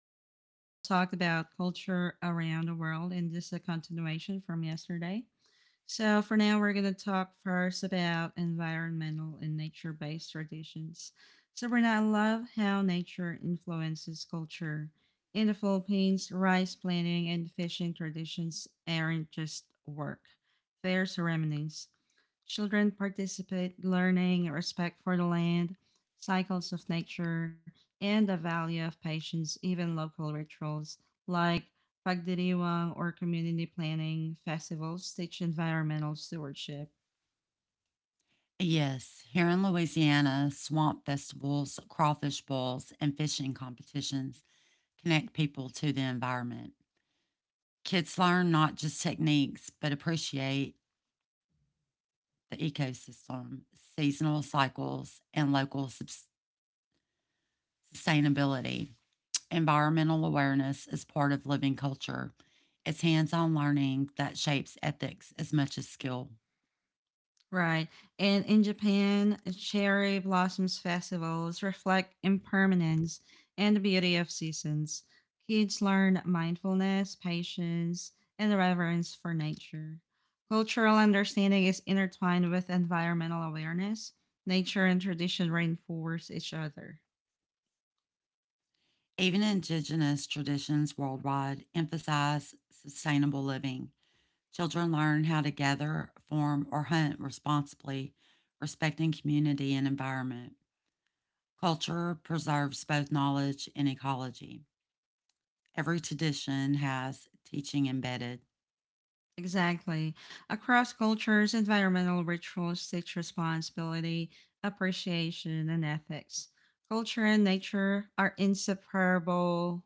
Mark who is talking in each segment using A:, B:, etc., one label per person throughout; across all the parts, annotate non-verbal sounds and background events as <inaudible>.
A: gonna still talk about culture around the world, and this is a continuation from yesterday. So for now, we're gonna talk first about environmental and nature-based traditions. So Sabrina, I love how nature influences culture. In the Philippines, rice planting and fishing traditions aren't just work; they're ceremonies. Children participate, learning respect for the land, cycles of nature, and the value of patience, even local rituals like pagdiriwang or community planning festivals teach environmental stewardship.
B: Yes, here in Louisiana, swamp festivals, crawfish bowls, and fishing competitions connect people to the environment. Kids learn not just techniques, but appreciate the ecosystem, seasonal cycles, and local sustainability. Environmental awareness is part of living culture. It's hands on learning that shapes ethics as much as skill.
A: Right. And in Japan, cherry blossoms festivals reflect impermanence and the beauty of seasons. Kids learn mindfulness, patience, and reverence for nature. Cultural understanding is intertwined with environmental awareness. Nature and tradition reinforce each other.
B: Even indigenous traditions worldwide emphasize sustainable living. Children learn how to gather, farm, or hunt responsibly, respecting community and environment. Culture preserves both knowledge and ecology. Every tradition has teaching embedded.
A: Exactly. Across cultures, environmental rituals teach responsibility, appreciation, and ethics. Culture and nature are inseparable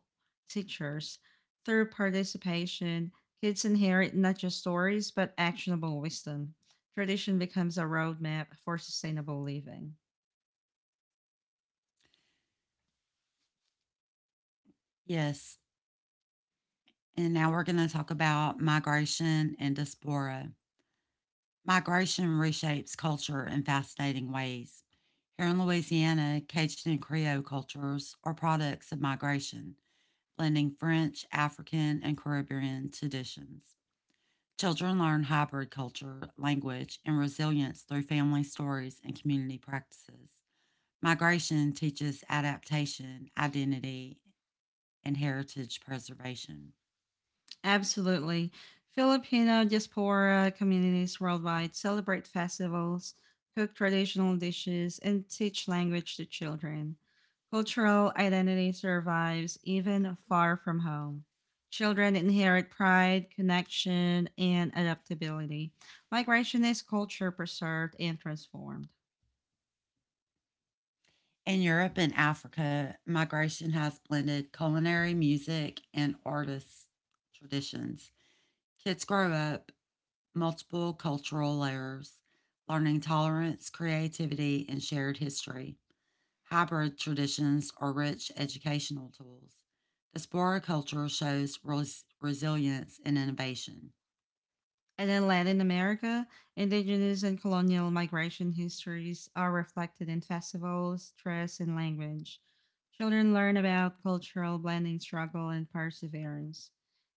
A: teachers. Through participation, kids inherit not just stories, but actionable wisdom. Tradition becomes a roadmap for sustainable living.
B: Yes, and now we're going to talk about migration and diaspora. Migration reshapes culture in fascinating ways. Here in Louisiana, Cajun and Creole cultures are products of migration, blending French, African, and Caribbean traditions. Children learn hybrid culture, language, and resilience through family stories and community practices. Migration teaches adaptation, identity, and heritage preservation.
A: Absolutely. Filipino diaspora communities worldwide celebrate festivals, cook traditional dishes, and teach language to children. Cultural identity survives even far from home. Children inherit pride, connection, and adaptability. Migration is culture preserved and transformed.
B: In Europe and Africa, migration has blended culinary, music, and artists' traditions. Kids grow up multiple cultural layers, learning tolerance, creativity, and shared history. Hybrid traditions are rich educational tools. Diaspora culture shows resilience and innovation.
A: And then land in Latin America, indigenous and colonial migration histories are reflected in festivals, dress, and language. Children learn about cultural blending, struggle, and perseverance.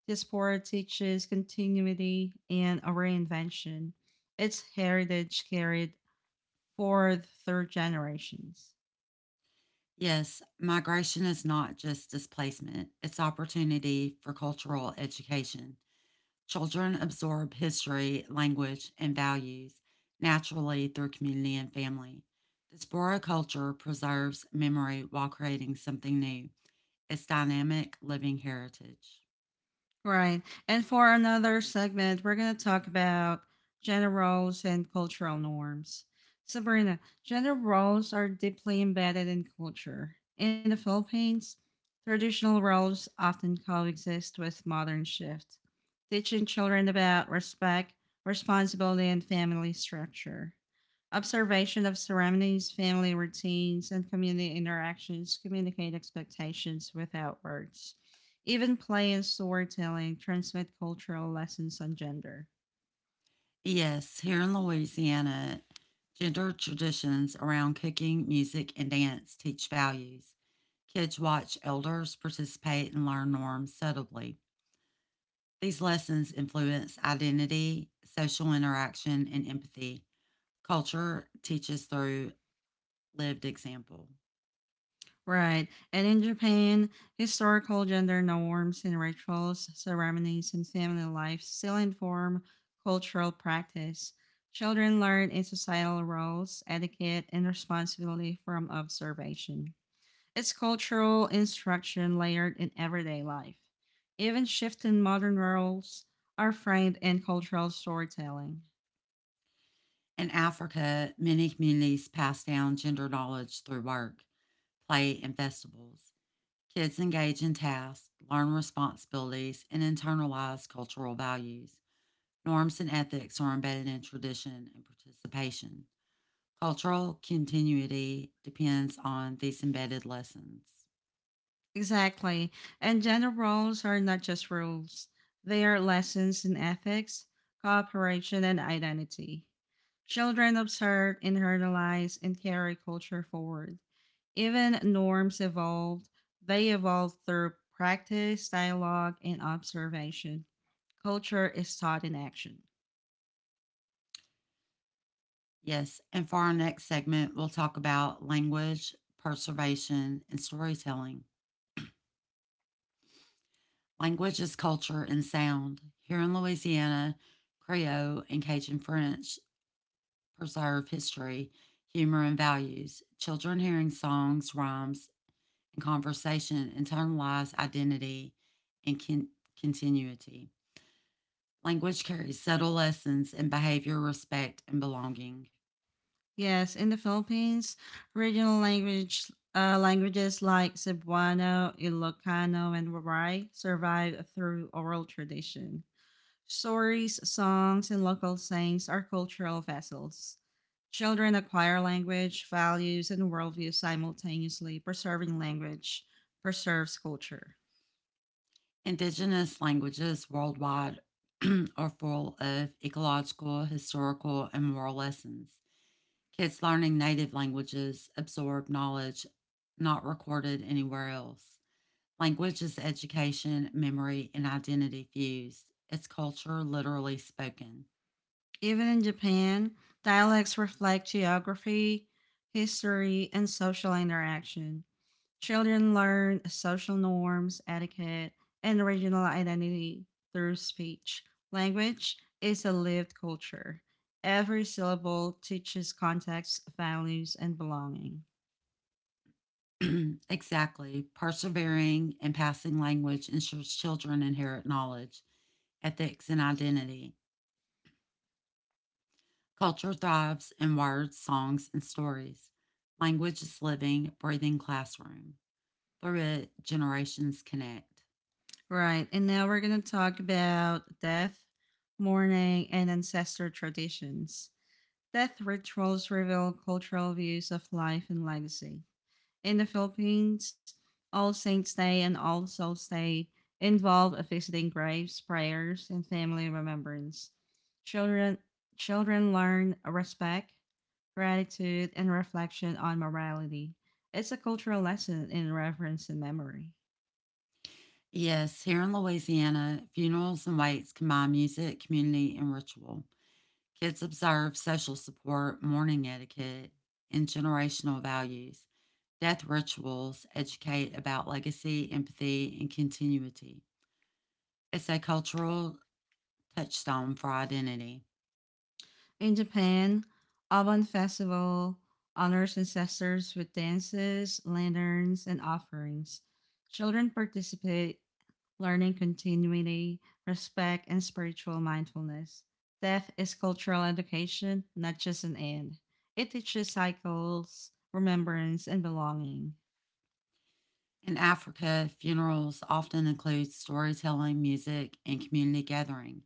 A: This sport teaches continuity and a reinvention. Its heritage carried forward through generations.
B: Yes, migration is not just displacement, it's opportunity for cultural education. Children absorb history, language, and values naturally through community and family. Diaspora culture preserves memory while creating something new. It's dynamic living heritage.
A: Right. And for another segment, we're going to talk about gender roles and cultural norms. Sabrina, gender roles are deeply embedded in culture. In the Philippines, traditional roles often coexist with modern shift, teaching children about respect, responsibility, and family structure. Observation of ceremonies, family routines, and community interactions communicate expectations without words, even play and storytelling transmit cultural lessons on gender.
B: Yes, here in Louisiana, gender traditions around cooking, music, and dance teach values. Kids watch elders participate and learn norms subtly. These lessons influence identity, social interaction, and empathy. Culture teaches through lived example.
A: Right. And in Japan, historical gender norms and rituals, ceremonies, and family life still inform cultural practice. Children learn in societal roles, etiquette, and responsibility from observation. It's cultural instruction layered in everyday life. Even shifting modern roles are framed in cultural storytelling.
B: In Africa, many communities pass down gender knowledge through work, play, and festivals. Kids engage in tasks, learn responsibilities, and internalize cultural values. Norms and ethics are embedded in tradition and participation. Cultural continuity depends on these embedded lessons.
A: Exactly. And gender roles are not just rules, they are lessons in ethics, cooperation, and identity. Children observe, internalize, and carry culture forward. Even norms evolved, they evolve through practice, dialogue, and observation. Culture is taught in action.
B: Yes, and for our next segment, we'll talk about language, preservation, and storytelling. Language is culture and sound. Here in Louisiana, Creole and Cajun French preserve history, humor, and values. Children hearing songs, rhymes, and conversation internalize identity and continuity. Language carries subtle lessons in behavior, respect, and belonging.
A: Yes, in the Philippines, regional languages like Cebuano, Ilocano, and Waray survive through oral tradition. Stories, songs, and local sayings are cultural vessels. Children acquire language, values, and worldview simultaneously. Preserving language preserves culture.
B: Indigenous languages worldwide <clears throat> are full of ecological, historical, and moral lessons. Kids learning native languages absorb knowledge not recorded anywhere else. Language is education, memory, and identity fused. It's culture literally spoken.
A: Even in Japan, dialects reflect geography, history, and social interaction. Children learn social norms, etiquette, and regional identity through speech. Language is a lived culture. Every syllable teaches context, values, and belonging.
B: <clears throat> Exactly. Persevering and passing language ensures children inherit knowledge, ethics, and identity. Culture thrives in words, songs, and stories. Language is living, breathing classroom. Through it, generations connect.
A: Right, and now we're going to talk about death, mourning, and ancestor traditions. Death rituals reveal cultural views of life and legacy. In the Philippines, All Saints' Day and All Souls' Day involve visiting graves, prayers, and family remembrance. Children children learn respect, gratitude, and reflection on morality. It's a cultural lesson in reverence and memory.
B: Yes, here in Louisiana, funerals and wakes combine music, community, and ritual. Kids observe social support, mourning etiquette, and generational values. Death rituals educate about legacy, empathy, and continuity. It's a cultural touchstone for identity.
A: In Japan, Obon Festival honors ancestors with dances, lanterns, and offerings. Children participate, learning continuity, respect, and spiritual mindfulness. Death is cultural education, not just an end. It teaches cycles, remembrance, and belonging.
B: In Africa, funerals often include storytelling, music, and community gathering.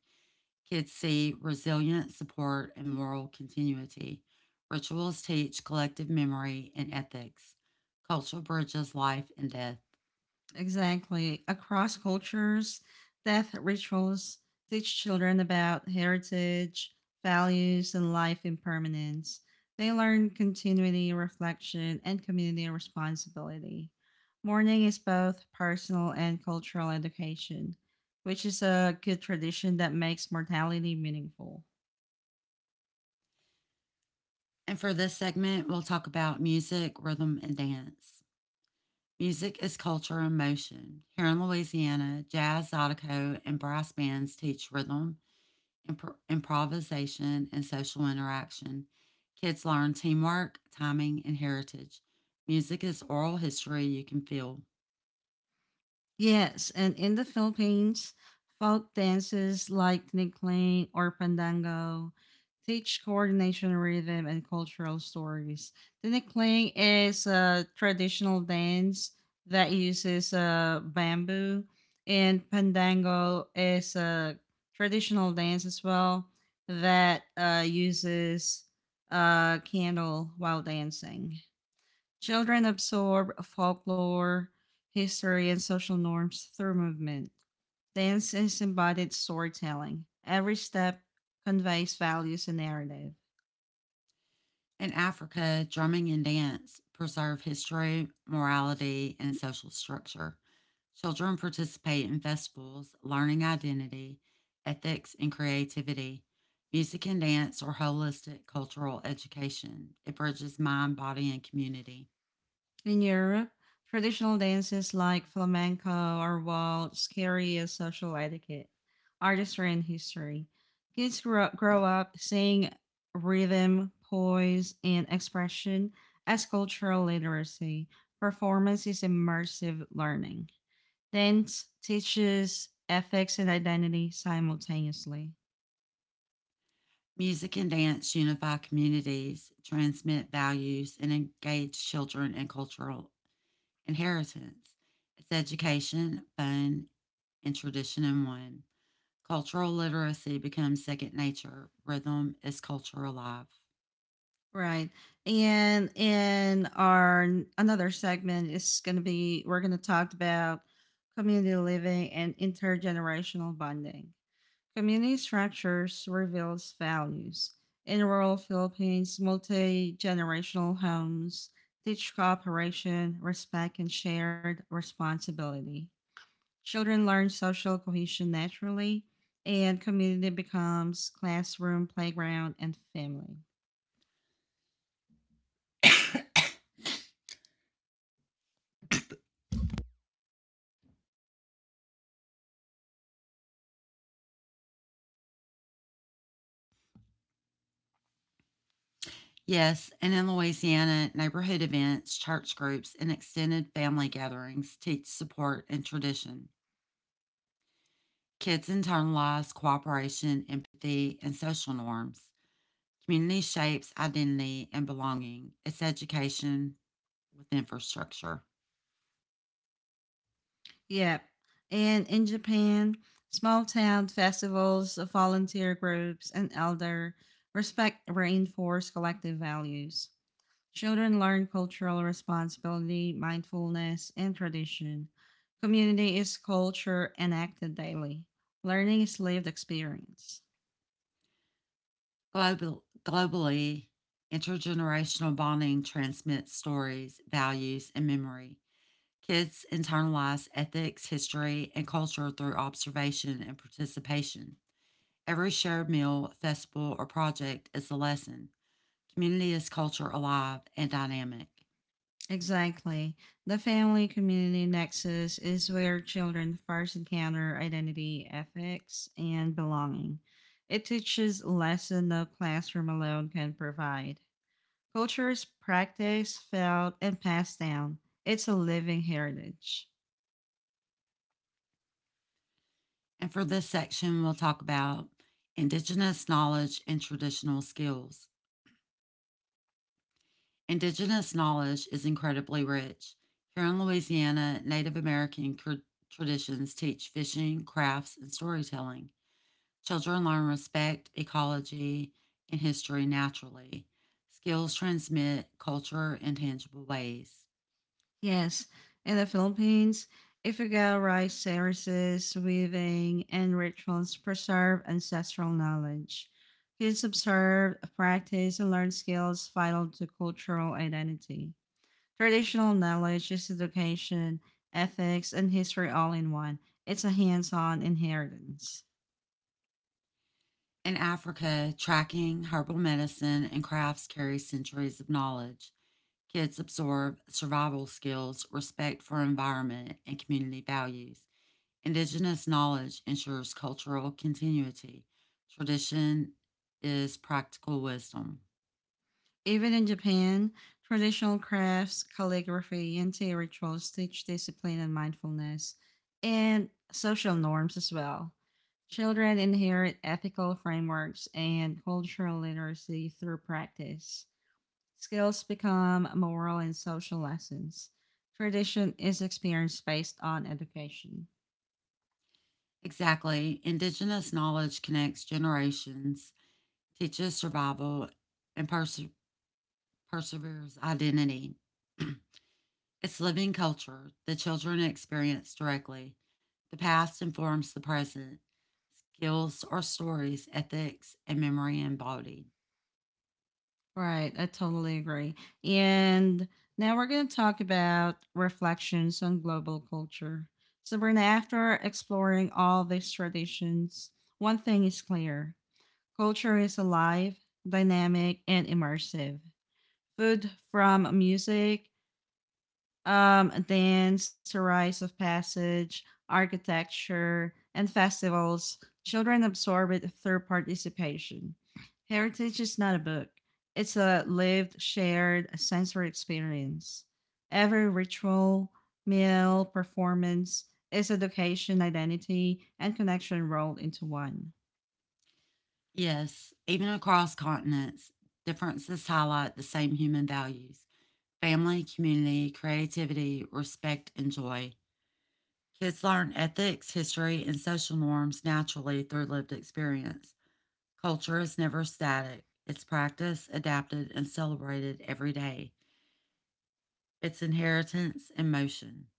B: Kids see resilience, support, and moral continuity. Rituals teach collective memory and ethics. Culture bridges life and death.
A: Exactly. Across cultures, death rituals teach children about heritage, values, and life impermanence. They learn continuity, reflection, and community responsibility. Mourning is both personal and cultural education, which is a good tradition that makes mortality meaningful.
B: And for this segment, we'll talk about music, rhythm, and dance. Music is culture and motion. Here in Louisiana, jazz, zydeco, and brass bands teach rhythm, improvisation, and social interaction. Kids learn teamwork, timing, and heritage. Music is oral history you can feel.
A: Yes, and in the Philippines, folk dances like tinikling or pandango teach coordination, rhythm, and cultural stories. Tinikling is a traditional dance that uses bamboo, and pandango is a traditional dance as well that uses a candle while dancing. Children absorb folklore, history, and social norms through movement. Dance is embodied storytelling. Every step conveys values and narrative.
B: In Africa, drumming and dance preserve history, morality, and social structure. Children participate in festivals, learning identity, ethics, and creativity. Music and dance are holistic cultural education. It bridges mind, body, and community.
A: In Europe, traditional dances like flamenco or waltz carry a social etiquette, artistry, and history. Kids grow up seeing rhythm, poise, and expression as cultural literacy. Performance is immersive learning. Dance teaches ethics and identity simultaneously.
B: Music and dance unify communities, transmit values, and engage children in cultural inheritance. It's education, fun, and tradition in one. Cultural literacy becomes second nature. Rhythm is cultural life.
A: Right. And in our n- another segment is going to be we're going to talk about community living and intergenerational bonding. Community structures reveals values. In rural Philippines, multi-generational homes teach cooperation, respect, and shared responsibility. Children learn social cohesion naturally, and community becomes classroom, playground, and family.
B: Yes, and in Louisiana, neighborhood events, church groups, and extended family gatherings teach support and tradition. Kids internalize cooperation, empathy, and social norms. Community shapes identity and belonging. It's education with infrastructure.
A: Yep. And in Japan, small town festivals, volunteer groups, and elder respect reinforce collective values. Children learn cultural responsibility, mindfulness, and tradition. Community is culture enacted daily. Learning is lived experience.
B: Globally, intergenerational bonding transmits stories, values, and memory. Kids internalize ethics, history, and culture through observation and participation. Every shared meal, festival, or project is a lesson. Community is culture alive and dynamic.
A: Exactly. The family community nexus is where children first encounter identity, ethics, and belonging. It teaches lessons no classroom alone can provide. Culture is practiced, felt, and passed down. It's a living heritage.
B: And for this section, we'll talk about Indigenous knowledge and traditional skills. Indigenous knowledge is incredibly rich. Here in Louisiana, Native American traditions teach fishing, crafts, and storytelling. Children learn respect, ecology, and history naturally. Skills transmit culture in tangible ways.
A: Yes, in the Philippines, Ifugao rice services, weaving, and rituals preserve ancestral knowledge. Kids observe, practice, and learn skills vital to cultural identity. Traditional knowledge is education, ethics, and history all in one. It's a hands on inheritance.
B: In Africa, tracking, herbal medicine, and crafts carry centuries of knowledge. Kids absorb survival skills, respect for environment, and community values. Indigenous knowledge ensures cultural continuity. Tradition is practical wisdom.
A: Even in Japan, traditional crafts, calligraphy, and tea rituals teach discipline and mindfulness, and social norms as well. Children inherit ethical frameworks and cultural literacy through practice. Skills become moral and social lessons. Tradition is experienced based on education.
B: Exactly. Indigenous knowledge connects generations, teaches survival, and perseveres identity. <clears throat> It's living culture the children experience directly. The past informs the present. Skills are stories, ethics, and memory embodied.
A: Right, I totally agree. And now we're going to talk about reflections on global culture. So, Brenda, after exploring all these traditions, one thing is clear: culture is alive, dynamic, and immersive. Food, from music dance to rites of passage, architecture, and festivals, children absorb it through participation. Heritage is not a book, it's a lived, shared sensory experience. Every ritual, meal, performance is education, identity, and connection rolled into one.
B: Yes, even across continents, differences highlight the same human values family, community, creativity, respect, and joy. Kids learn ethics, history, and social norms naturally through lived experience. Culture is never static, it's practiced, adapted, and celebrated every day. It's inheritance in motion.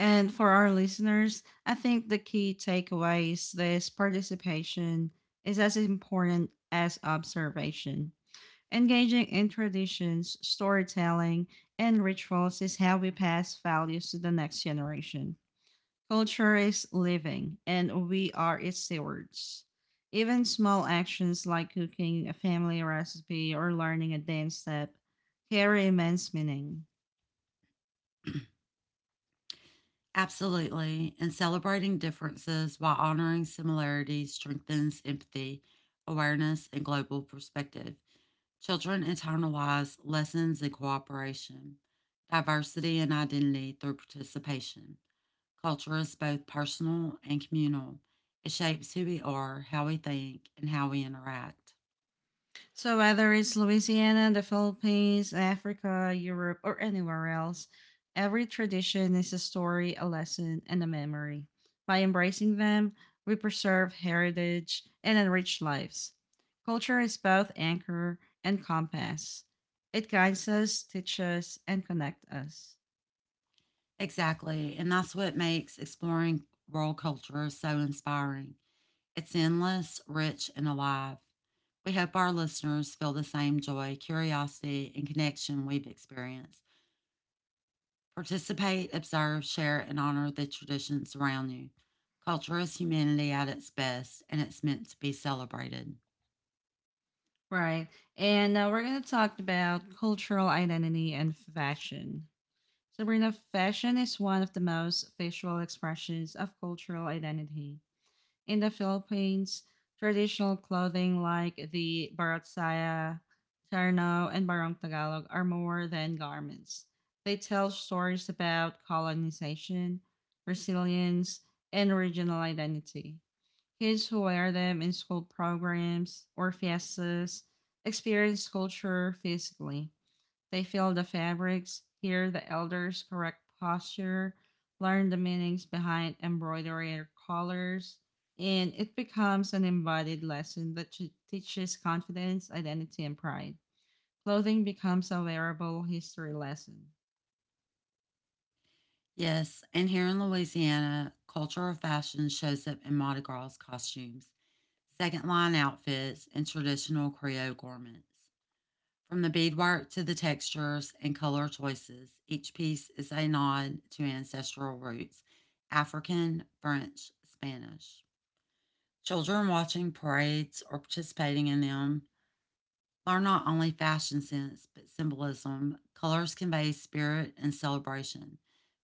A: And for our listeners, I think the key takeaway is this: participation is as important as observation. Engaging in traditions, storytelling, and rituals is how we pass values to the next generation. Culture is living, and we are its stewards. Even small actions like cooking a family recipe or learning a dance step carry immense meaning.
B: Absolutely, and celebrating differences while honoring similarities strengthens empathy, awareness, and global perspective. Children internalize lessons in cooperation, diversity, and identity through participation. Culture is both personal and communal. It shapes who we are, how we think, and how we interact.
A: So whether it's Louisiana, the Philippines, Africa, Europe, or anywhere else, every tradition is a story, a lesson, and a memory. By embracing them, we preserve heritage and enrich lives. Culture is both anchor and compass. It guides us, teaches, and connects us.
B: Exactly. And that's what makes exploring world culture so inspiring. It's endless, rich, and alive. We hope our listeners feel the same joy, curiosity, and connection we've experienced. Participate, observe, share, and honor the traditions around you. Culture is humanity at its best, and it's meant to be celebrated.
A: Right. And now we're going to talk about cultural identity and fashion. Sabrina, fashion is one of the most visual expressions of cultural identity. In the Philippines, traditional clothing like the Barotsaya, Terno, and Barong Tagalog are more than garments. They tell stories about colonization, resilience, and regional identity. Kids who wear them in school programs or fiestas experience culture physically, they feel the fabrics, hear the elders' correct posture, learn the meanings behind embroidery or colors, and it becomes an embodied lesson that teaches confidence, identity, and pride. Clothing becomes a wearable history lesson.
B: Yes, and here in Louisiana, culture of fashion shows up in Mardi Gras costumes, second line outfits, and traditional Creole garments. From the beadwork to the textures and color choices, each piece is a nod to ancestral roots African, French, Spanish. Children watching parades or participating in them learn not only fashion sense, but symbolism. Colors convey spirit and celebration.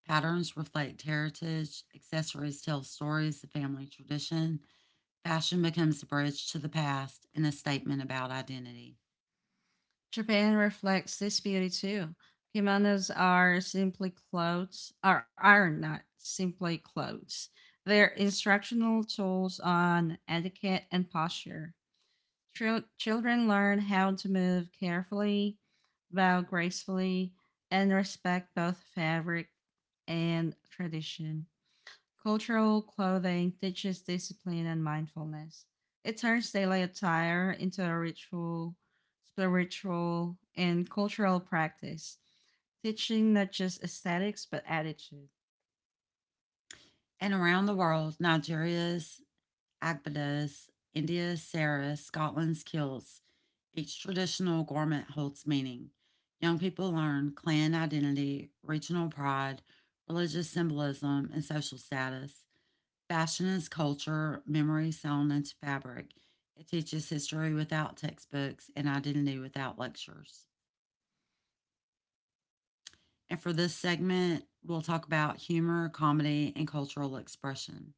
B: Patterns reflect heritage. Accessories tell stories of family tradition. Fashion becomes a bridge to the past and a statement about identity.
A: Japan reflects this beauty too. Kimonos are simply clothes, or are not simply clothes. They're instructional tools on etiquette and posture. Children learn how to move carefully, bow gracefully, and respect both fabric and tradition. Cultural clothing teaches discipline and mindfulness. It turns daily attire into a ritual, spiritual, and cultural practice, teaching not just aesthetics but attitude.
B: And around the world, Nigeria's agbadas, India's saris, Scotland's kilts, each traditional garment holds meaning. Young people learn clan identity, regional pride, religious symbolism, and social status. Fashion is culture, memory, sewn into fabric. It teaches history without textbooks and identity without lectures. And for this segment, we'll talk about humor, comedy, and cultural expression.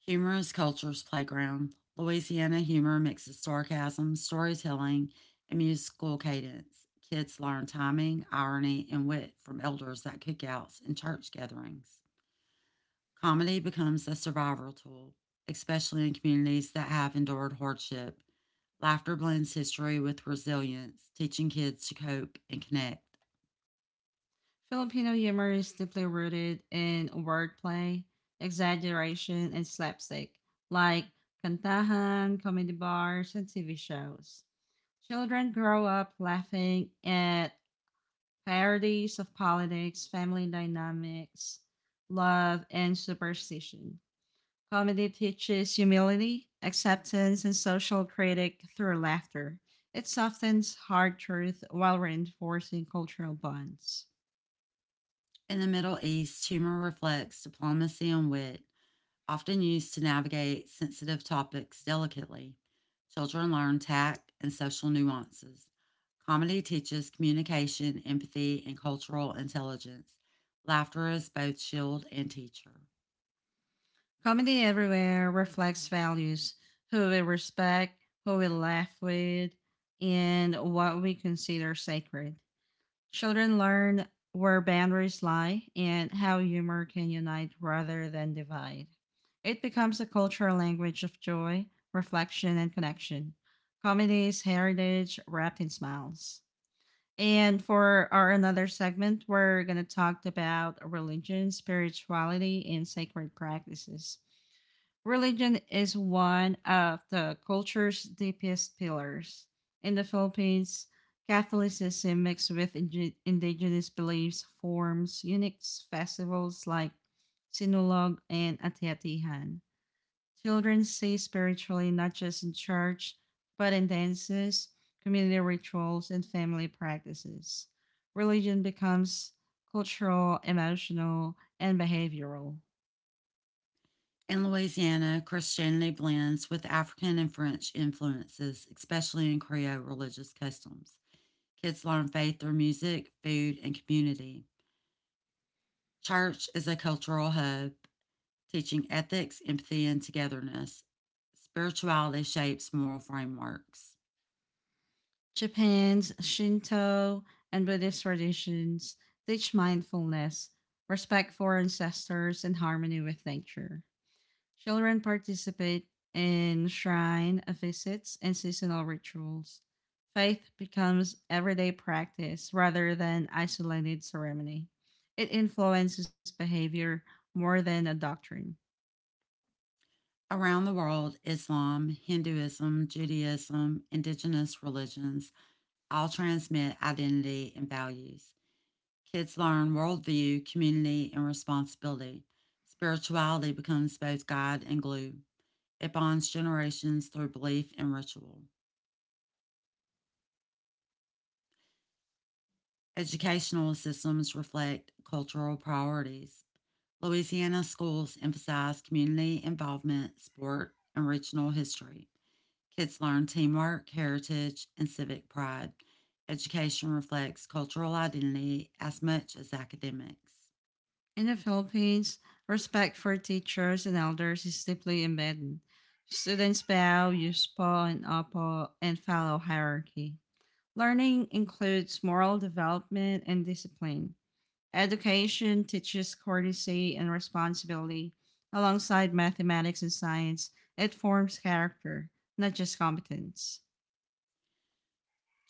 B: Humor is culture's playground. Louisiana humor mixes sarcasm, storytelling, and musical cadence. Kids learn timing, irony, and wit from elders at cookouts and church gatherings. Comedy becomes a survival tool, especially in communities that have endured hardship. Laughter blends history with resilience, teaching kids to cope and connect.
A: Filipino humor is deeply rooted in wordplay, exaggeration, and slapstick, like kantahan, comedy bars, and TV shows. Children grow up laughing at parodies of politics, family dynamics, love, and superstition. Comedy teaches humility, acceptance, and social critique through laughter. It softens hard truth while reinforcing cultural bonds.
B: In the Middle East, humor reflects diplomacy and wit, often used to navigate sensitive topics delicately. Children learn tact and social nuances. Comedy teaches communication, empathy, and cultural intelligence. Laughter is both shield and teacher.
A: Comedy everywhere reflects values: who we respect, who we laugh with, and what we consider sacred. Children learn where boundaries lie and how humor can unite rather than divide. It becomes a cultural language of joy, reflection, and connection. Comedy is heritage wrapped in smiles. And for our another segment, we're going to talk about religion, spirituality, and sacred practices. Religion is one of the culture's deepest pillars. In the Philippines, Catholicism mixed with indigenous beliefs forms unique festivals like Sinulog and Atiatihan. Children stay spiritually not just in church, but in dances, community rituals, and family practices. Religion becomes cultural, emotional, and behavioral.
B: In Louisiana, Christianity blends with African and French influences, especially in Creole religious customs. Kids learn faith through music, food, and community. Church is a cultural hub, teaching ethics, empathy, and togetherness. Spirituality shapes moral frameworks.
A: Japan's Shinto and Buddhist traditions teach mindfulness, respect for ancestors, and harmony with nature. Children participate in shrine visits and seasonal rituals. Faith becomes everyday practice rather than isolated ceremony. It influences behavior more than a doctrine.
B: Around the world, Islam, Hinduism, Judaism, indigenous religions all transmit identity and values. Kids learn worldview, community, and responsibility. Spirituality becomes both guide and glue. It bonds generations through belief and ritual. Educational systems reflect cultural priorities. Louisiana schools emphasize community involvement, sport, and regional history. Kids learn teamwork, heritage, and civic pride. Education reflects cultural identity as much as academics.
A: In the Philippines, respect for teachers and elders is deeply embedded. Students bow, use paw and upaw, and follow hierarchy. Learning includes moral development and discipline. Education teaches courtesy and responsibility. Alongside mathematics and science, it forms character, not just competence.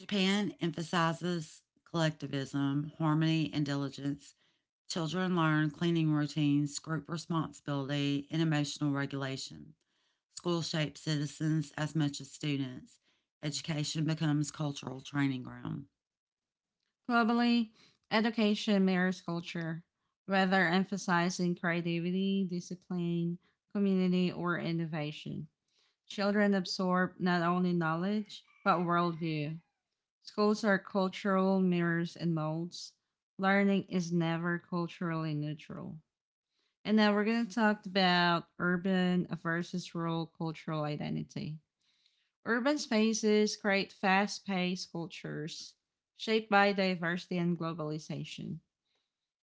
B: Japan emphasizes collectivism, harmony, and diligence. Children learn cleaning routines, group responsibility, and emotional regulation. School shapes citizens as much as students. Education becomes cultural training ground.
A: Globally, education mirrors culture, whether emphasizing creativity, discipline, community, or innovation. Children absorb not only knowledge, but worldview. Schools are cultural mirrors and molds. Learning is never culturally neutral. And now we're going to talk about urban versus rural cultural identity. Urban spaces create fast paced cultures shaped by diversity and globalization.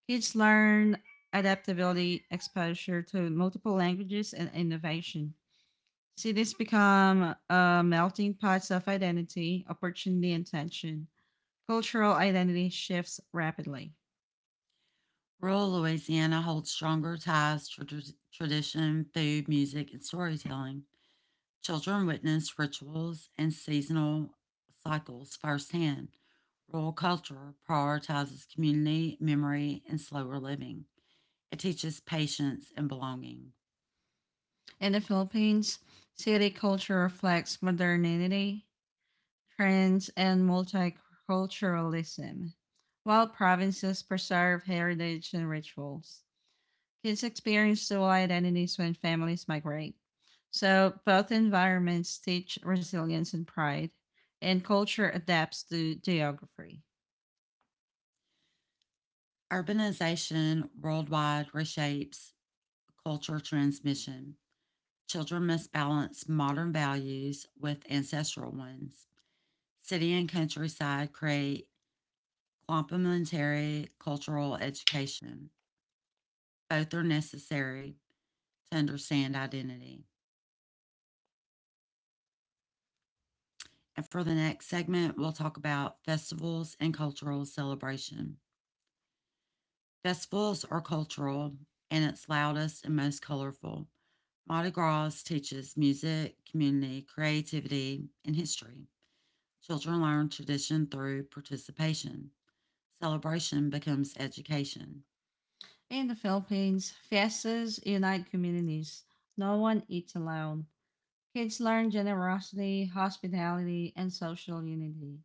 A: Kids learn adaptability, exposure to multiple languages, and innovation. Cities become melting pots of identity, opportunity, and tension. Cultural identity shifts rapidly.
B: Rural Louisiana holds stronger ties to tradition, food, music, and storytelling. Children witness rituals and seasonal cycles firsthand. Rural culture prioritizes community, memory, and slower living. It teaches patience and belonging.
A: In the Philippines, city culture reflects modernity, trends, and multiculturalism, while provinces preserve heritage and rituals. Kids experience dual identities when families migrate. So both environments teach resilience and pride, and culture adapts to geography.
B: Urbanization worldwide reshapes culture transmission. Children must balance modern values with ancestral ones. City and countryside create complementary cultural education. Both are necessary to understand identity. And for the next segment, we'll talk about festivals and cultural celebration. Festivals are cultural in its loudest and most colorful. Mardi Gras teaches music, community, creativity, and history. Children learn tradition through participation. Celebration becomes education.
A: In the Philippines, fiestas unite communities. No one eats alone. Kids learn generosity, hospitality, and social unity.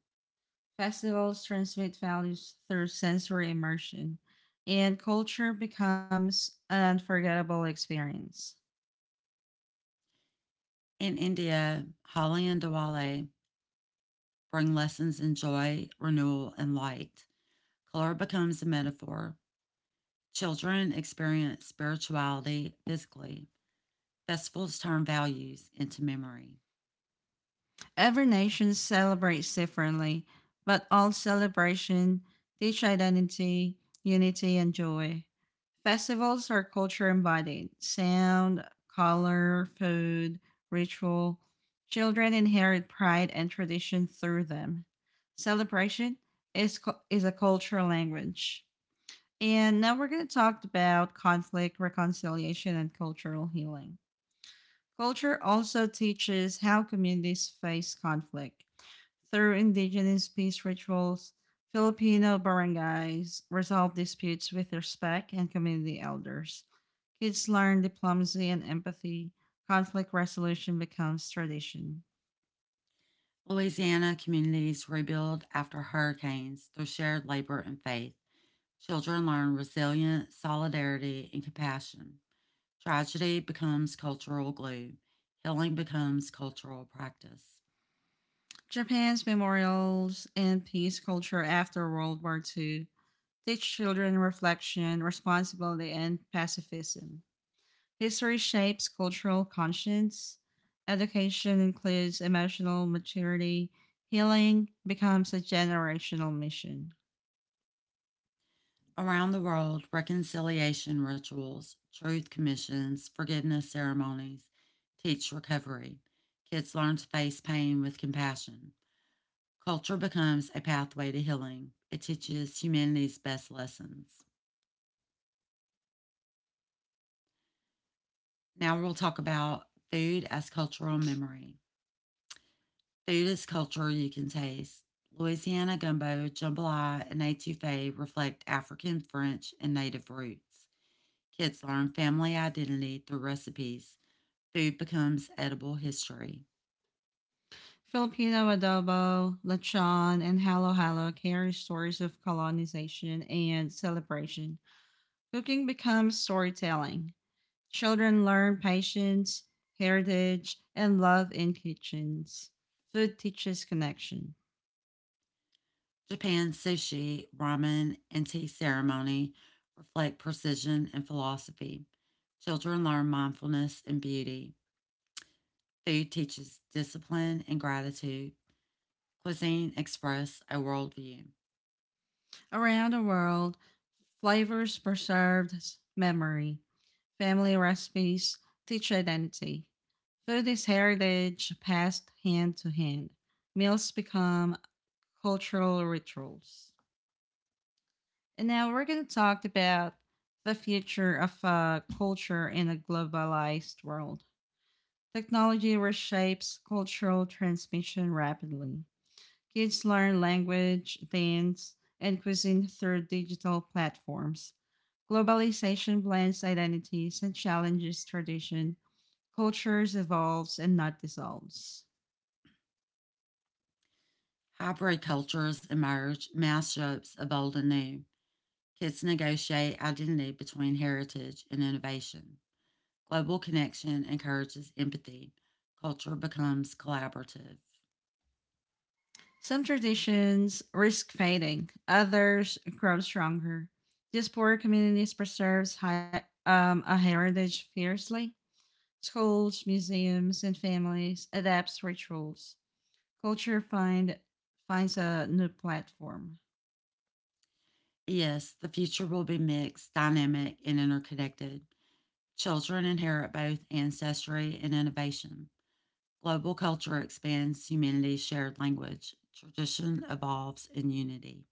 A: Festivals transmit values through sensory immersion, and culture becomes an unforgettable experience.
B: In India, Holi and Diwali bring lessons in joy, renewal, and light. Color becomes a metaphor. Children experience spirituality physically. Festivals turn values into memory.
A: Every nation celebrates differently, but all celebration teach identity, unity, and joy. Festivals are culture embodied sound, color, food, ritual. Children inherit pride and tradition through them. Celebration is, is a cultural language. And now we're going to talk about conflict, reconciliation, and cultural healing. Culture also teaches how communities face conflict. Through indigenous peace rituals, Filipino barangays resolve disputes with respect and community elders. Kids learn diplomacy and empathy. Conflict resolution becomes tradition.
B: Louisiana communities rebuild after hurricanes through shared labor and faith. Children learn resilience, solidarity, and compassion. Tragedy becomes cultural glue. Healing becomes cultural practice.
A: Japan's memorials and peace culture after World War II teach children reflection, responsibility, and pacifism. History shapes cultural conscience. Education includes emotional maturity. Healing becomes a generational mission.
B: Around the world, reconciliation rituals, truth commissions, forgiveness ceremonies teach recovery. Kids learn to face pain with compassion. Culture becomes a pathway to healing. It teaches humanity's best lessons. Now we'll talk about food as cultural memory. Food is culture you can taste. Louisiana gumbo, jambalaya, and etouffee reflect African, French, and native roots. Kids learn family identity through recipes. Food becomes edible history.
A: Filipino adobo, lechon, and halo halo carry stories of colonization and celebration. Cooking becomes storytelling. Children learn patience, heritage, and love in kitchens. Food teaches connection.
B: Japan's sushi, ramen, and tea ceremony reflect precision and philosophy. Children learn mindfulness and beauty. Food teaches discipline and gratitude. Cuisine expresses a worldview.
A: Around the world, flavors preserved memory, family recipes, teach identity. Food is heritage passed hand to hand. Meals become cultural rituals. And now we're going to talk about the future of culture in a globalized world. Technology reshapes cultural transmission rapidly. Kids learn language, dance, and cuisine through digital platforms. Globalization blends identities and challenges tradition. Cultures evolves and not dissolves.
B: Hybrid cultures emerge, mashups of old and new. Kids negotiate identity between heritage and innovation. Global connection encourages empathy. Culture becomes collaborative.
A: Some traditions risk fading, others grow stronger. These poor communities preserves a heritage fiercely. Schools, museums, and families adapts rituals. Culture finds a new platform.
B: Yes, the future will be mixed, dynamic, and interconnected. Children inherit both ancestry and innovation. Global culture expands humanity's shared language. Tradition evolves in unity.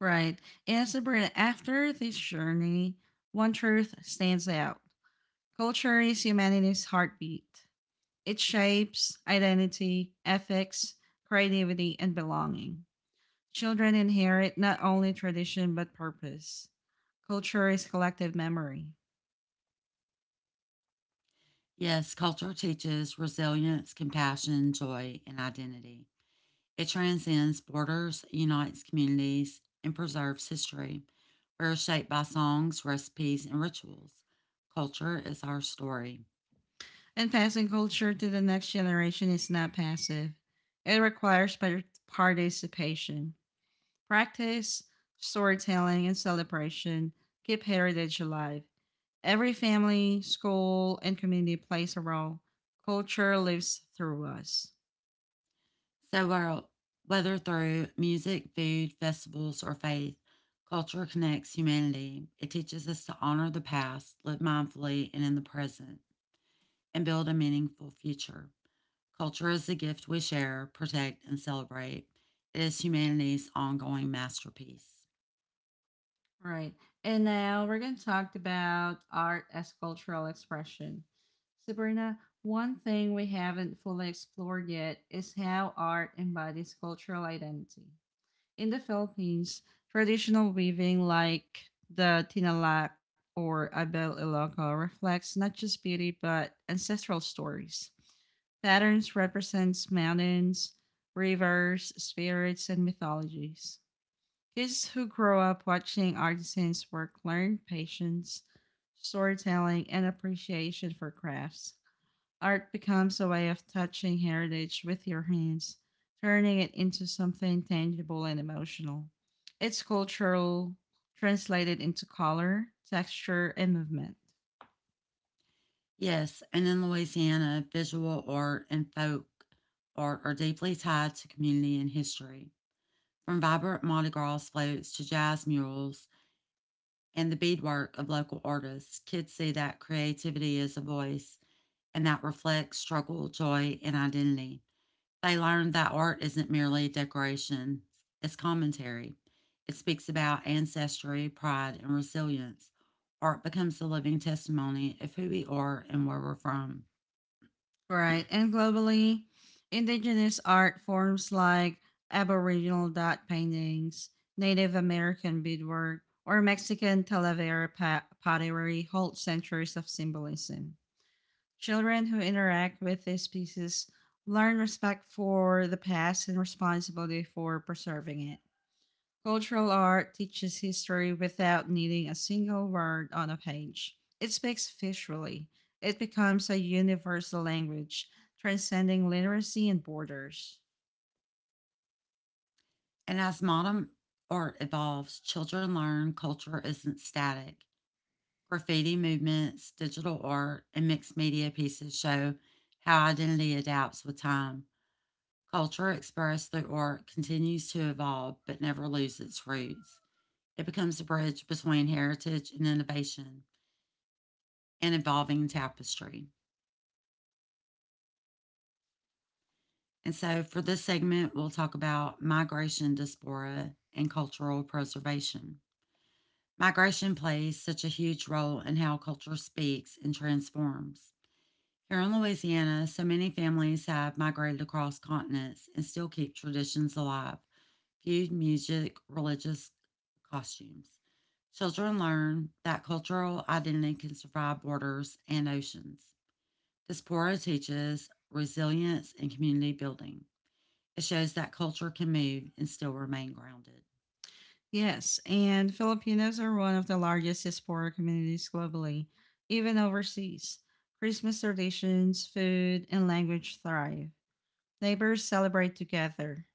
A: Right. And Sabrina, after this journey, one truth stands out. Culture is humanity's heartbeat. It shapes identity, ethics, creativity, and belonging. Children inherit not only tradition but purpose. Culture is collective memory.
B: Yes, culture teaches resilience, compassion, joy, and identity. It transcends borders, unites communities, and preserves history. We're shaped by songs, recipes, and rituals. Culture is our story.
A: And passing culture to the next generation is not passive, it requires participation. Practice, storytelling, and celebration keep heritage alive. Every family, school, and community plays a role. Culture lives through us.
B: So, we Whether through music, food, festivals, or faith, culture connects humanity. It teaches us to honor the past, live mindfully and in the present, and build a meaningful future. Culture is the gift we share, protect, and celebrate. It is humanity's ongoing masterpiece.
A: All right. And now we're going to talk about art as cultural expression. Sabrina, one thing we haven't fully explored yet is how art embodies cultural identity. In the Philippines, traditional weaving like the Tinalak or Abel Iloco reflects not just beauty but ancestral stories. Patterns represents mountains, rivers, spirits, and mythologies. Kids who grow up watching artisans work learn patience, storytelling, and appreciation for crafts. Art becomes a way of touching heritage with your hands, turning it into something tangible and emotional. It's cultural, translated into color, texture, and movement.
B: Yes, and in Louisiana, visual art and folk art are deeply tied to community and history. From vibrant Mardi Gras floats to jazz murals and the beadwork of local artists, kids see that creativity is a voice and that reflects struggle, joy, and identity. They learned that art isn't merely decoration, it's commentary. It speaks about ancestry, pride, and resilience. Art becomes the living testimony of who we are and where we're from.
A: Right, and globally, indigenous art forms like Aboriginal dot paintings, Native American beadwork, or Mexican Talavera pottery hold centuries of symbolism. Children who interact with these pieces learn respect for the past and responsibility for preserving it. Cultural art teaches history without needing a single word on a page. It speaks visually. It becomes a universal language, transcending literacy and borders.
B: And as modern art evolves, children learn culture isn't static. Graffiti movements, digital art, and mixed media pieces show how identity adapts with time. Culture expressed through art continues to evolve but never loses its roots. It becomes a bridge between heritage and innovation, an evolving tapestry. And so, for this segment, we'll talk about migration diaspora and cultural preservation. Migration plays such a huge role in how culture speaks and transforms. Here in Louisiana, so many families have migrated across continents and still keep traditions alive, food, music, religious costumes. Children learn that cultural identity can survive borders and oceans. Diaspora teaches resilience and community building. It shows that culture can move and still remain grounded.
A: Yes, and Filipinos are one of the largest diaspora communities globally, even overseas. Christmas traditions, food, and language thrive. Neighbors celebrate together.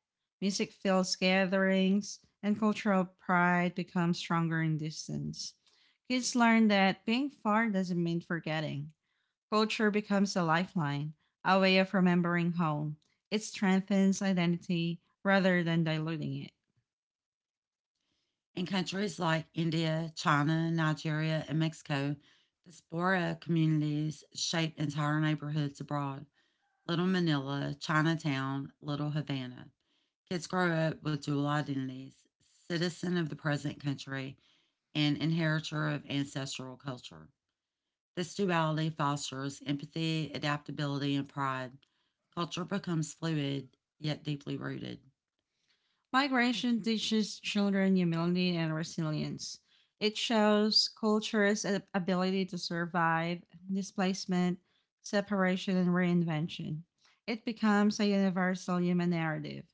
A: Music fills gatherings, and cultural pride becomes stronger in distance. Kids learn that being far doesn't mean forgetting. Culture becomes a lifeline, a way of remembering home. It strengthens identity rather than diluting it.
B: In countries like India, China, Nigeria, and Mexico, diaspora communities shape entire neighborhoods abroad. Little Manila, Chinatown, Little Havana. Kids grow up with dual identities, citizen of the present country and inheritor of ancestral culture. This duality fosters empathy, adaptability, and pride. Culture becomes fluid yet deeply rooted.
A: Migration teaches children humility and resilience. It shows cultures' ability to survive displacement, separation, and reinvention. It becomes a universal human narrative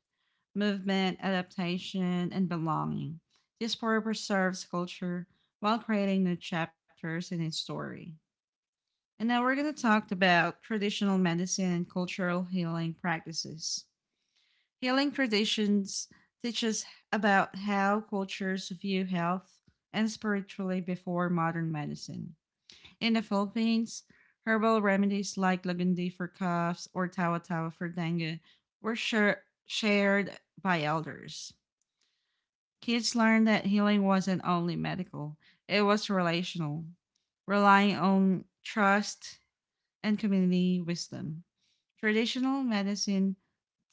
A: movement, adaptation, and belonging. This story preserves culture while creating new chapters in its story. And now we're going to talk about traditional medicine and cultural healing practices. Healing traditions teach us about how cultures view health and spiritually before modern medicine. In the Philippines, herbal remedies like Lagundi for coughs or Tawa Tawa for dengue were shared by elders. Kids learned that healing wasn't only medical, it was relational, relying on trust and community wisdom. Traditional medicine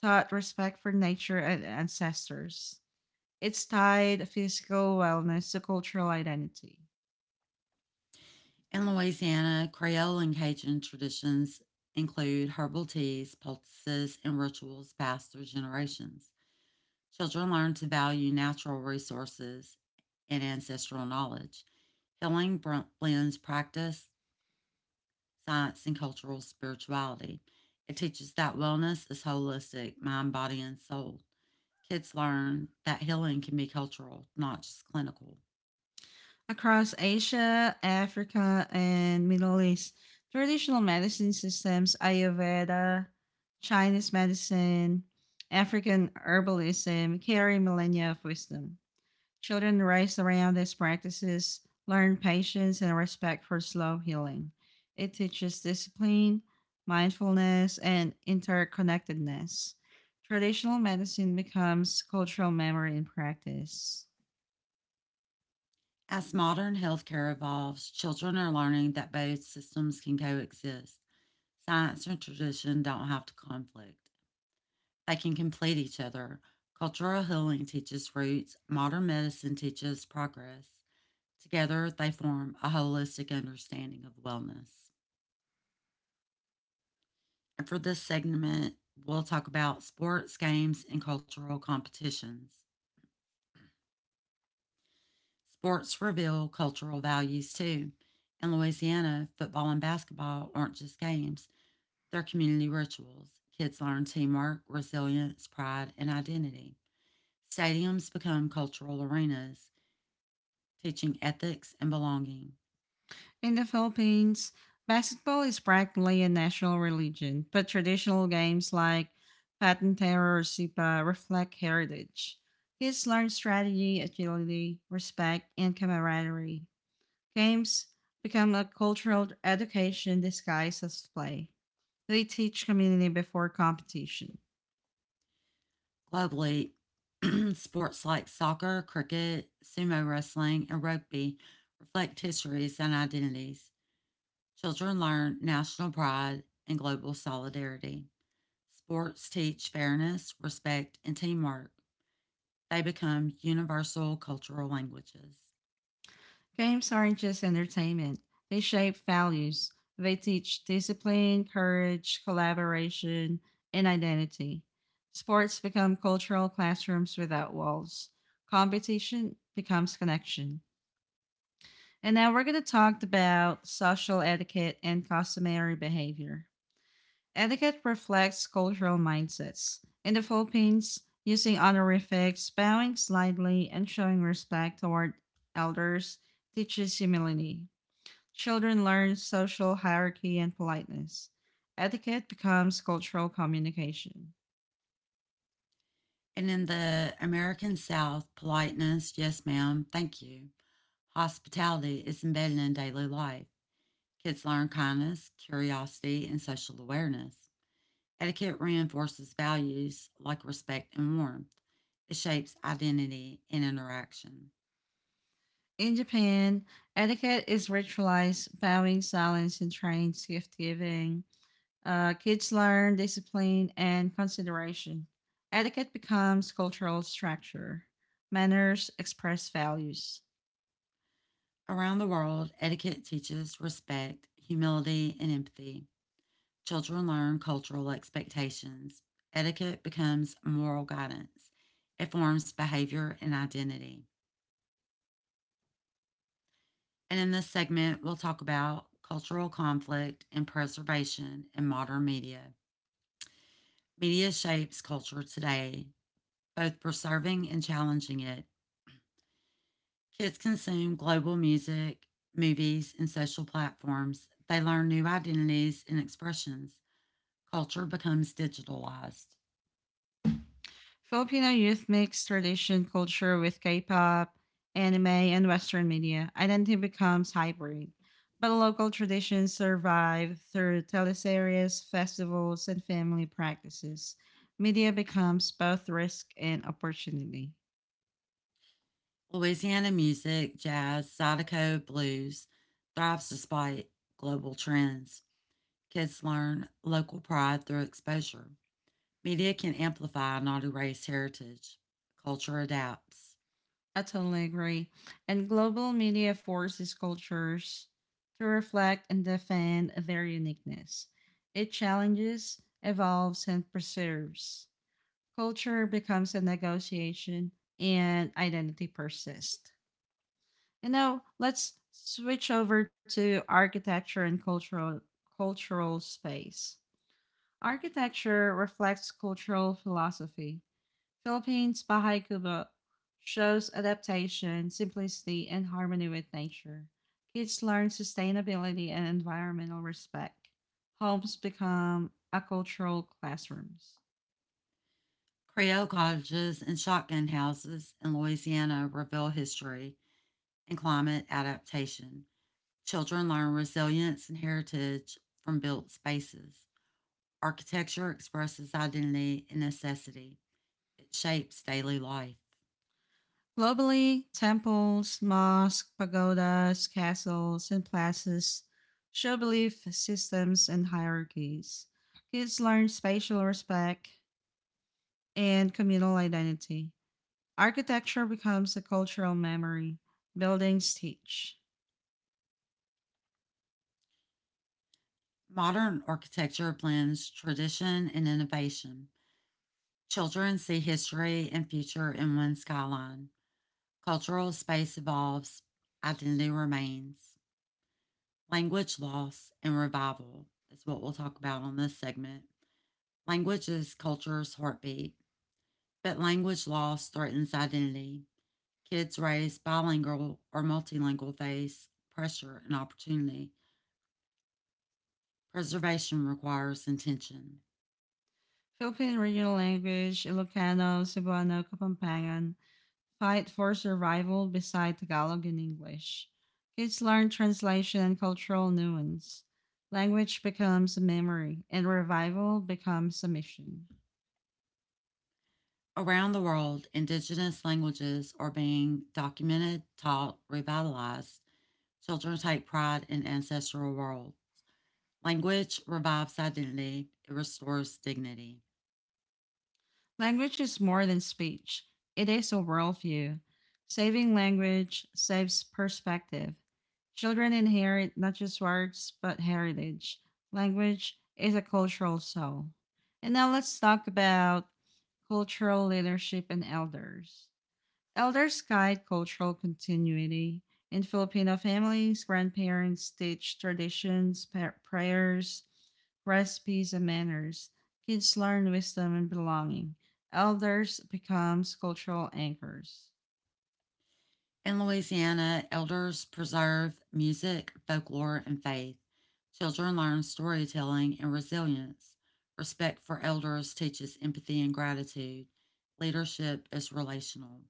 A: taught respect for nature and ancestors. It's tied physical wellness to cultural identity.
B: In Louisiana, Creole and Cajun traditions include herbal teas, poultices, and rituals passed through generations. Children learn to value natural resources and ancestral knowledge. Healing blends practice, science, and cultural spirituality. It teaches that wellness is holistic, mind, body, and soul. Kids learn that healing can be cultural, not just clinical.
A: Across Asia, Africa, and Middle East, traditional medicine systems, Ayurveda, Chinese medicine, African herbalism carry millennia of wisdom. Children raised around these practices learn patience and respect for slow healing. It teaches discipline, mindfulness, and interconnectedness. Traditional medicine becomes cultural memory in practice.
B: As modern healthcare evolves, children are learning that both systems can coexist. Science and tradition don't have to conflict, they can complete each other. Cultural healing teaches roots, modern medicine teaches progress. Together, they form a holistic understanding of wellness. And for this segment, we'll talk about sports, games, and cultural competitions. Sports reveal cultural values too. In Louisiana, football and basketball aren't just games, they're community rituals. Kids learn teamwork, resilience, pride, and identity. Stadiums become cultural arenas, teaching ethics and belonging.
A: In the Philippines, basketball is practically a national religion, but traditional games like Patintero or Sipa reflect heritage. Kids learn strategy, agility, respect, and camaraderie. Games become a cultural education disguised as play. They teach community before competition.
B: Globally, <clears throat> sports like soccer, cricket, sumo wrestling, and rugby reflect histories and identities. Children learn national pride and global solidarity. Sports teach fairness, respect, and teamwork. They become universal cultural languages.
A: Games aren't just entertainment, they shape values. They teach discipline, courage, collaboration, and identity. Sports become cultural classrooms without walls. Competition becomes connection. And now we're going to talk about social etiquette and customary behavior. Etiquette reflects cultural mindsets. In the Philippines, using honorifics, bowing slightly, and showing respect toward elders teaches humility. Children learn social hierarchy and politeness. Etiquette becomes cultural communication.
B: And in the American South, politeness, yes, ma'am, thank you, hospitality is embedded in daily life. Kids learn kindness, curiosity, and social awareness. Etiquette reinforces values like respect and warmth. It shapes identity and interaction.
A: In Japan, etiquette is ritualized, bowing, silence, and trains gift giving. Kids learn discipline and consideration. Etiquette becomes cultural structure. Manners express values.
B: Around the world, etiquette teaches respect, humility, and empathy. Children learn cultural expectations. Etiquette becomes moral guidance. It forms behavior and identity. And in this segment, we'll talk about cultural conflict and preservation in modern media. Media shapes culture today, both preserving and challenging it. Kids consume global music, movies, and social platforms. They learn new identities and expressions. Culture becomes digitalized.
A: Filipino youth mix tradition culture with K-pop, anime, and Western media. Identity becomes hybrid. But local traditions survive through teleseries, festivals, and family practices. Media becomes both risk and opportunity.
B: Louisiana music, jazz, zydeco, blues thrives despite global trends. Kids learn local pride through exposure. Media can amplify, not erase heritage. Culture adapts.
A: I totally agree. And global media forces cultures to reflect and defend their uniqueness. It challenges, evolves, and preserves. Culture becomes a negotiation, and identity persists. And now let's switch over to architecture and cultural space. Architecture reflects cultural philosophy. Philippines by Kubo shows adaptation, simplicity, and harmony with nature. Kids learn sustainability and environmental respect. Homes become agricultural classrooms.
B: Creole cottages and shotgun houses in Louisiana reveal history and climate adaptation. Children learn resilience and heritage from built spaces. Architecture expresses identity and necessity. Shapes daily life.
A: Globally, temples, mosques, pagodas, castles, and places show belief systems and hierarchies. Kids learn spatial respect and communal identity. Architecture becomes a cultural memory. Buildings teach.
B: Modern architecture blends tradition and innovation. Children see history and future in one skyline. Cultural space evolves, identity remains. Language loss and revival is what we'll talk about on this segment. Language is culture's heartbeat, but language loss threatens identity. Kids raised bilingual or multilingual face pressure and opportunity. Preservation requires intention.
A: Philippine regional language, Ilocano, Cebuano, Kapampangan, fight for survival beside Tagalog and English. Kids learn translation and cultural nuance. Language becomes a memory, and revival becomes a mission.
B: Around the world, Indigenous languages are being documented, taught, revitalized. Children take pride in ancestral world. Language revives identity, it restores dignity.
A: Language is more than speech, it is a worldview. Saving language saves perspective. Children inherit not just words, but heritage. Language is a cultural soul. And now let's talk about cultural leadership and elders. Elders guide cultural continuity. In Filipino families, grandparents teach traditions, prayers, recipes, and manners. Kids learn wisdom and belonging. Elders become cultural anchors.
B: In Louisiana, elders preserve music, folklore, and faith. Children learn storytelling and resilience. Respect for elders teaches empathy and gratitude. Leadership is relational.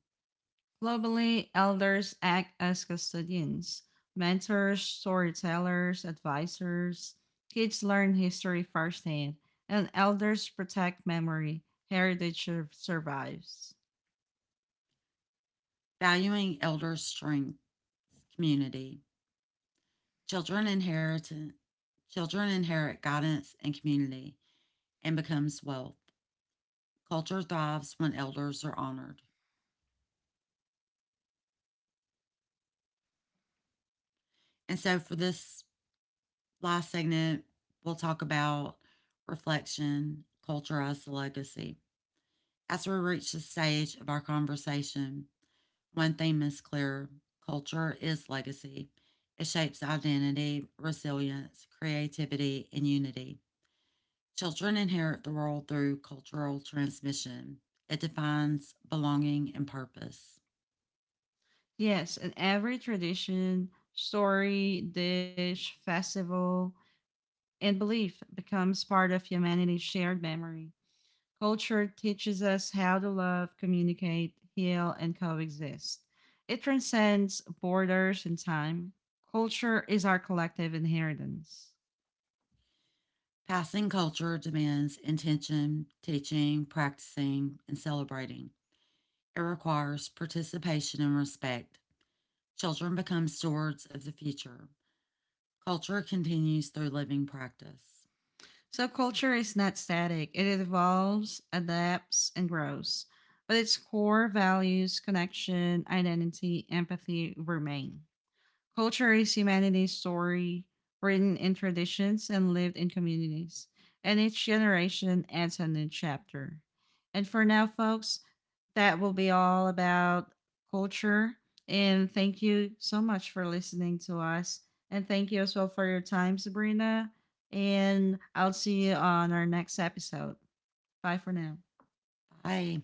A: Globally, elders act as custodians, mentors, storytellers, advisors. Kids learn history firsthand, and elders protect memory. Heritage survives.
B: Valuing elders strengths community. Children inherit Children inherit guidance and community and becomes wealth. Culture thrives when elders are honored. And so for this last segment, we'll talk about reflection, culture as the legacy. As we reach this stage of our conversation, one theme is clear, culture is legacy. It shapes identity, resilience, creativity, and unity. Children inherit the world through cultural transmission. It defines belonging and purpose.
A: Yes, and every tradition, story, dish, festival, and belief becomes part of humanity's shared memory. Culture teaches us how to love, communicate, heal, and coexist. It transcends borders and time. Culture is our collective inheritance.
B: Passing culture demands intention, teaching, practicing, and celebrating. It requires participation and respect. Children become stewards of the future. Culture continues through living practice.
A: So, culture is not static, it evolves, adapts, and grows. But its core values, connection, identity, empathy remain. Culture is humanity's story, written in traditions and lived in communities, and each generation adds a new chapter. And for now, folks, that will be all about culture. And thank you so much for listening to us. And thank you as well for your time, Sabrina. And I'll see you on our next episode. Bye for now.
B: Bye.